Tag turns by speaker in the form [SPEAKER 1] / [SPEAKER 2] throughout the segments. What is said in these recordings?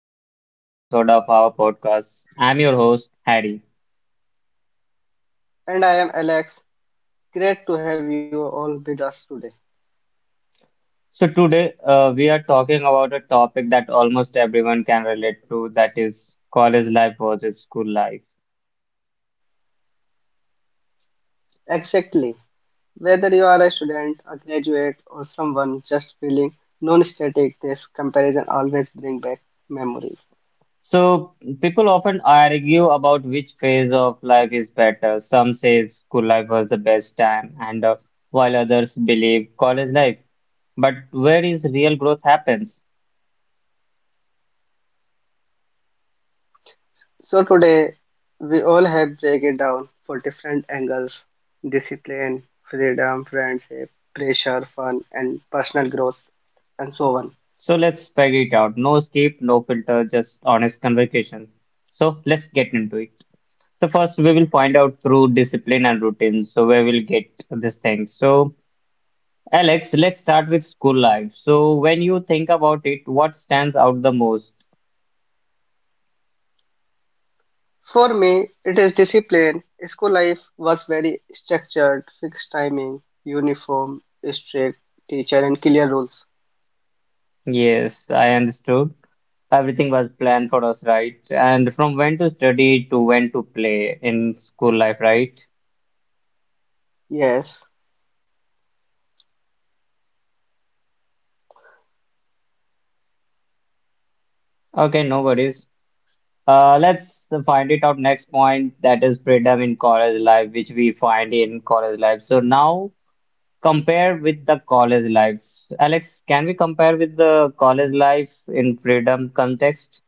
[SPEAKER 1] to another episode of our podcast. I'm your host, Harry.
[SPEAKER 2] And I am Alex. Great to have you all with us today.
[SPEAKER 1] So today we are talking about a topic that almost everyone can relate to that is college life versus school life.
[SPEAKER 2] Exactly. Whether you are a student, a graduate, or someone just feeling non static, this comparison always brings back memories.
[SPEAKER 1] So, people often argue about which phase of life is better. Some say school life was the best time, and while others believe college life. But where is real growth happens?
[SPEAKER 2] So, today we all have break it down for different angles: discipline, freedom, friendship, pressure, fun, and personal growth, and so on.
[SPEAKER 1] So let's figure it out. No escape, no filter, just honest convocation. So let's get into it. So first we will find out through discipline and routine. So where we'll get this thing. So Alex, let's start with school life. So when you think about it, what stands out the most?
[SPEAKER 2] For me, it is discipline. School life was very structured, fixed timing, uniform, strict teacher, and clear rules.
[SPEAKER 1] Yes, I understood. Everything was planned for us, right? And from when to study to when to play in school life, right?
[SPEAKER 2] Yes.
[SPEAKER 1] Okay, no worries. Let's find it out next point that is freedom in college life, which we find in college life. So now compare with the college lives. Alex, can we compare with the college life in freedom context?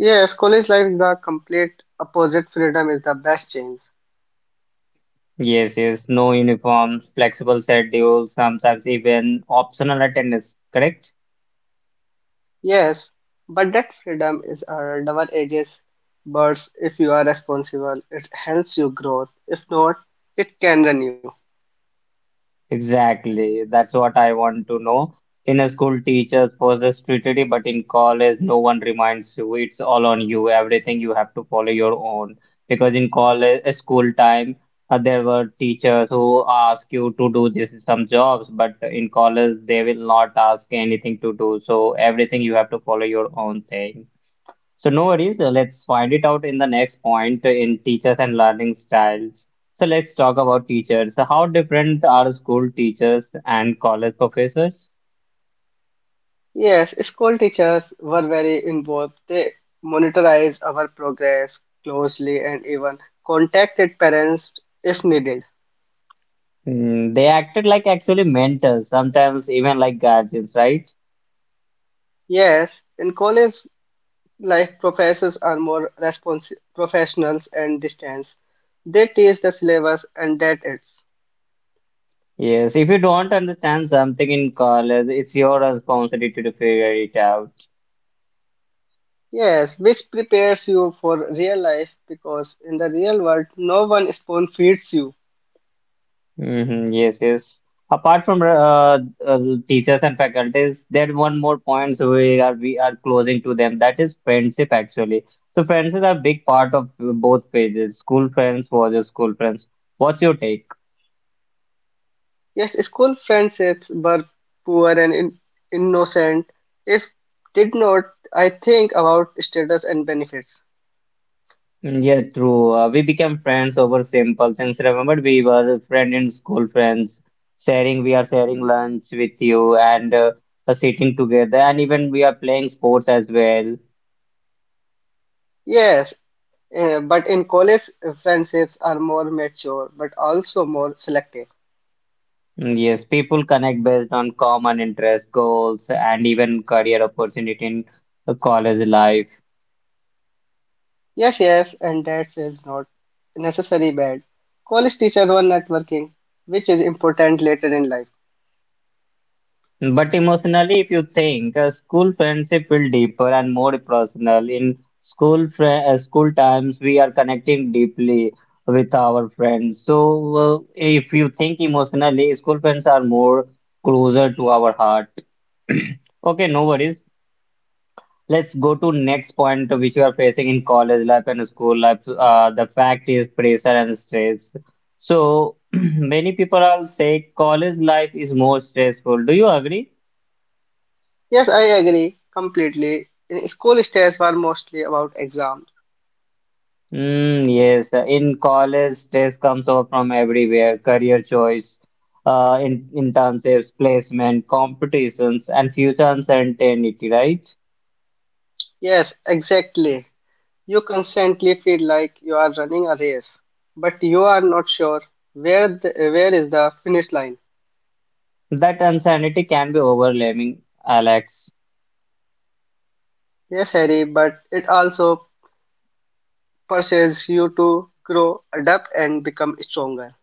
[SPEAKER 2] Yes, college life is the complete opposite. Freedom is the best change.
[SPEAKER 1] Yes, yes, no uniforms, flexible schedules, sometimes even optional attendance, correct?
[SPEAKER 2] Yes, but that freedom is a double edged sword. If you are responsible, it helps you grow. If not, it can run you.
[SPEAKER 1] Exactly. That's what I want to know. In a school, teachers post the strategy, but in college, no one reminds you. It's all on you. Everything you have to follow your own. Because in college, school time, there were teachers who ask you to do this some jobs, but in college, they will not ask anything to do. So everything you have to follow your own thing. So no worries, let's find it out in the next point in teachers and learning styles. So let's talk about teachers. So how different are school teachers and college professors?
[SPEAKER 2] Yes, school teachers were very involved. They monitorized our progress closely and even contacted parents if needed.
[SPEAKER 1] Mm, they acted like actually mentors, sometimes even like guardians, right?
[SPEAKER 2] Yes, in college life, professors are more respons professionals and distance. They teach the syllabus and that it's.
[SPEAKER 1] Yes, if you don't understand something in college, it's your responsibility to figure it out.
[SPEAKER 2] Yes, which prepares you for real life because in the real world, no one spoon feeds you.
[SPEAKER 1] Hmm, yes, yes. Apart from uh, teachers and faculties, there one more points we are closing to them. That is friendship actually. So friendships are a big part of both phases. School friends versus school friends. What's your take?
[SPEAKER 2] Yes, school friendships were poor and in innocent. If did not, I think about status and benefits.
[SPEAKER 1] Mm, yeah, true. We became friends over simple things. Remember, we were friend in school friends, sharing. We are sharing lunch with you and sitting together, and even we are playing sports as well.
[SPEAKER 2] Yes, but in college, friendships are more mature, but also more selective.
[SPEAKER 1] Mm, yes, people connect based on common interests, goals, and even career opportunity in the college life.
[SPEAKER 2] Yes, yes, and that is not necessarily bad. College teachers were networking, which is important later in life.
[SPEAKER 1] But emotionally, if you think, a school friendship will deeper and more personal. In school times, we are connecting deeply with our friends. So, if you think emotionally, school friends are more closer to our heart. Okay, no worries. Let's go to next point which you are facing in college life and school life. The fact is pressure and stress. So many people are say college life is more stressful. Do you agree?
[SPEAKER 2] Yes, I agree completely. School stress were mostly about exams.
[SPEAKER 1] Mm, yes. In college, stress comes over from everywhere. Career choice, in internships, placement, competitions, and future uncertainty. Right?
[SPEAKER 2] Yes, exactly. You constantly feel like you are running a race, but you are not sure where is the finish line.
[SPEAKER 1] That uncertainty can be overwhelming, Alex.
[SPEAKER 2] Yes, Harry, but it also pushes you to grow, adapt, and become stronger.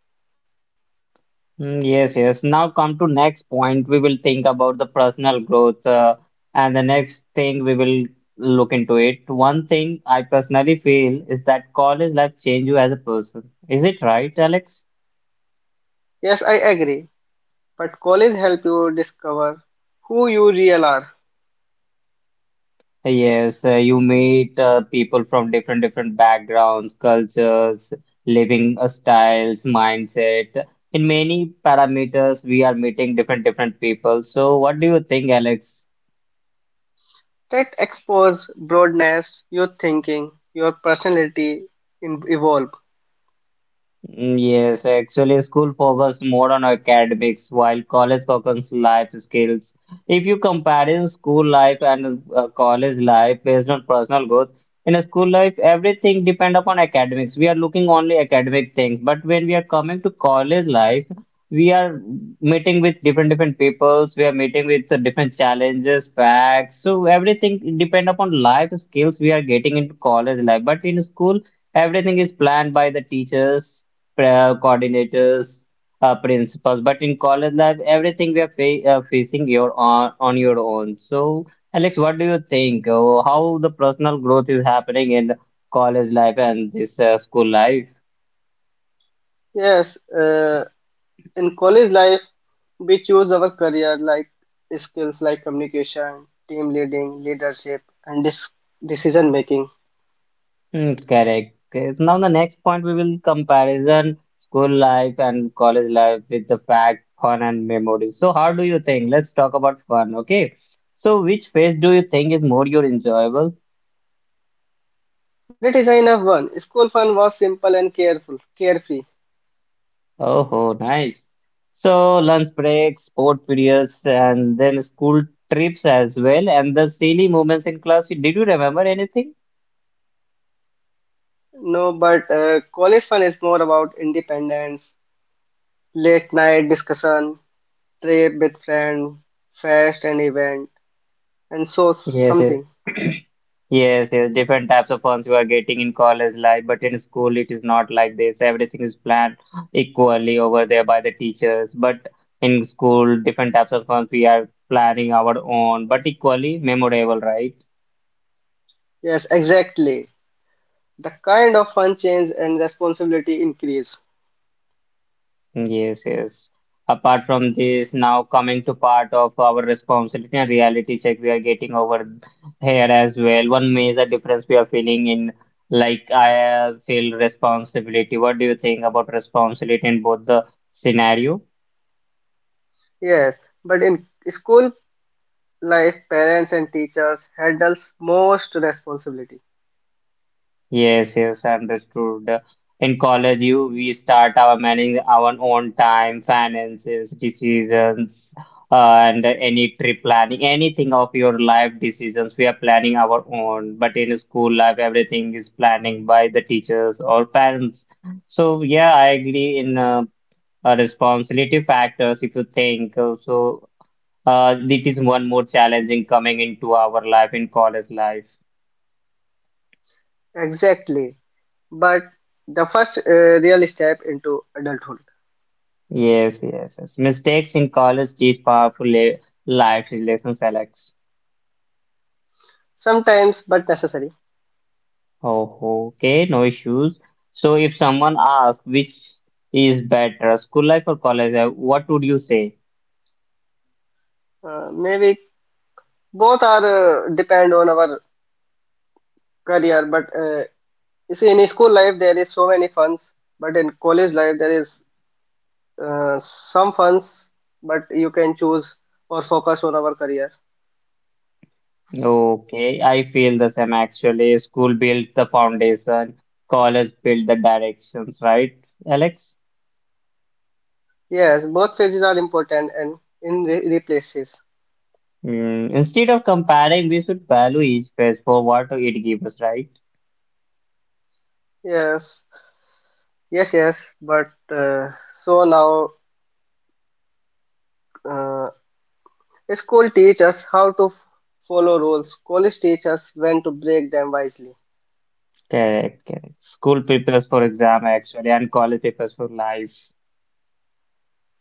[SPEAKER 1] Mm, yes, yes. Now come to next point. We will think about the personal growth, and the next thing we will look into it. One thing I personally feel is that college life change you as a person. Is it right, Alex?
[SPEAKER 2] Yes, I agree. But college help you discover who you real are.
[SPEAKER 1] Yes, you meet people from different different backgrounds, cultures, living styles, mindset. In many parameters, we are meeting different different people. So, what do you think, Alex?
[SPEAKER 2] That expose broadness, your thinking, your personality in, evolve.
[SPEAKER 1] Mm, yes, actually, school focus more on academics while college focus life skills. If you compare in school life and college life based on personal growth, in a school life, everything depend upon academics. We are looking only academic things, but when we are coming to college life, we are meeting with different different peoples. We are meeting with different challenges, facts. So everything depend upon life skills we are getting into college life. But in school, everything is planned by the teachers prayer coordinators, principals. But in college life, everything we are facing your on your own. So, Alex, what do you think? How the personal growth is happening in college life and this school life?
[SPEAKER 2] Yes, in college life we choose our career like skills like communication team leading leadership and decision making.
[SPEAKER 1] Hmm, correct. Okay, now the next point we will comparison school life and college life with the fact, fun and memories. So how do you think? Let's talk about fun, okay? So which phase do you think is more your enjoyable?
[SPEAKER 2] That is enough one school fun was simple and careful carefree.
[SPEAKER 1] Oh, oh, nice. So lunch breaks, sport periods, and then school trips as well, and the silly moments in class. Did you remember anything?
[SPEAKER 2] No, but college fun is more about independence, late night discussion, trip with friend, fest and event, and so
[SPEAKER 1] Yes, yes,
[SPEAKER 2] something.
[SPEAKER 1] yes, yes. Different types of funds you are getting in college life, but in school it is not like this. Everything is planned equally over there by the teachers. But in school, different types of funds we are planning our own, but equally memorable, right?
[SPEAKER 2] Yes, exactly, the kind of fun change and responsibility increase.
[SPEAKER 1] Yes, yes. Apart from this, now coming to part of our responsibility and reality check we are getting over here as well. One major difference we are feeling in like I feel responsibility. What do you think about responsibility in both the scenario?
[SPEAKER 2] Yes, but in school life parents and teachers handles most responsibility.
[SPEAKER 1] Yes, yes, understood. In college, you we start our managing our own time, finances, decisions, and any trip planning, anything of your life decisions, we are planning our own. But in school life, everything is planning by the teachers or parents. So yeah, I agree in responsibility factors. If you think uh, so, this is one more challenging coming into our life in college life.
[SPEAKER 2] Exactly, but the first real step into adulthood.
[SPEAKER 1] Yes, yes, yes. Mistakes in college teach powerful life lessons, Alex.
[SPEAKER 2] Sometimes but necessary.
[SPEAKER 1] Oh, okay, no issues. So, if someone asks which is better, school life or college life, what would you say?
[SPEAKER 2] Maybe both are depend on our career, but you see in school life there is so many funds, but in college life there is some funds, but you can choose or focus on our career.
[SPEAKER 1] Okay, I feel the same actually. School built the foundation, college built the directions, right, Alex?
[SPEAKER 2] Yes, both phases are important and in replaces.
[SPEAKER 1] Mm, instead of comparing, we should value each phase for what it gives us, right?
[SPEAKER 2] Yes. Yes, yes, but so now uh, school teach us how to follow rules. College teach us when to break them wisely.
[SPEAKER 1] Correct, correct. School prepares for exam actually, and college prepares for life.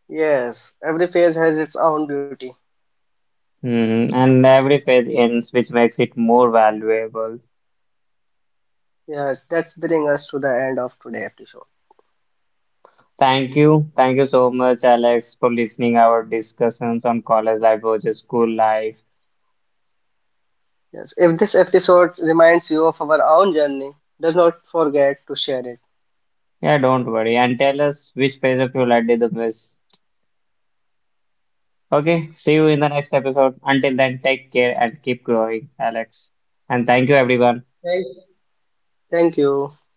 [SPEAKER 2] Yes, every phase has its own beauty.
[SPEAKER 1] Mhm, and every phase ends, which makes it more valuable.
[SPEAKER 2] Yes, that's bringing us to the end of today's episode.
[SPEAKER 1] Thank you. Thank you so much, Alex, for listening our discussions on college life versus school life.
[SPEAKER 2] Yes, if this episode reminds you of our own journey, do not forget to share it.
[SPEAKER 1] Yeah, don't worry. And tell us which phase of your life did the best. Okay, see you in the next episode. Until then, take care and keep growing, Alex. And thank you, everyone.
[SPEAKER 2] Thank, Thank you.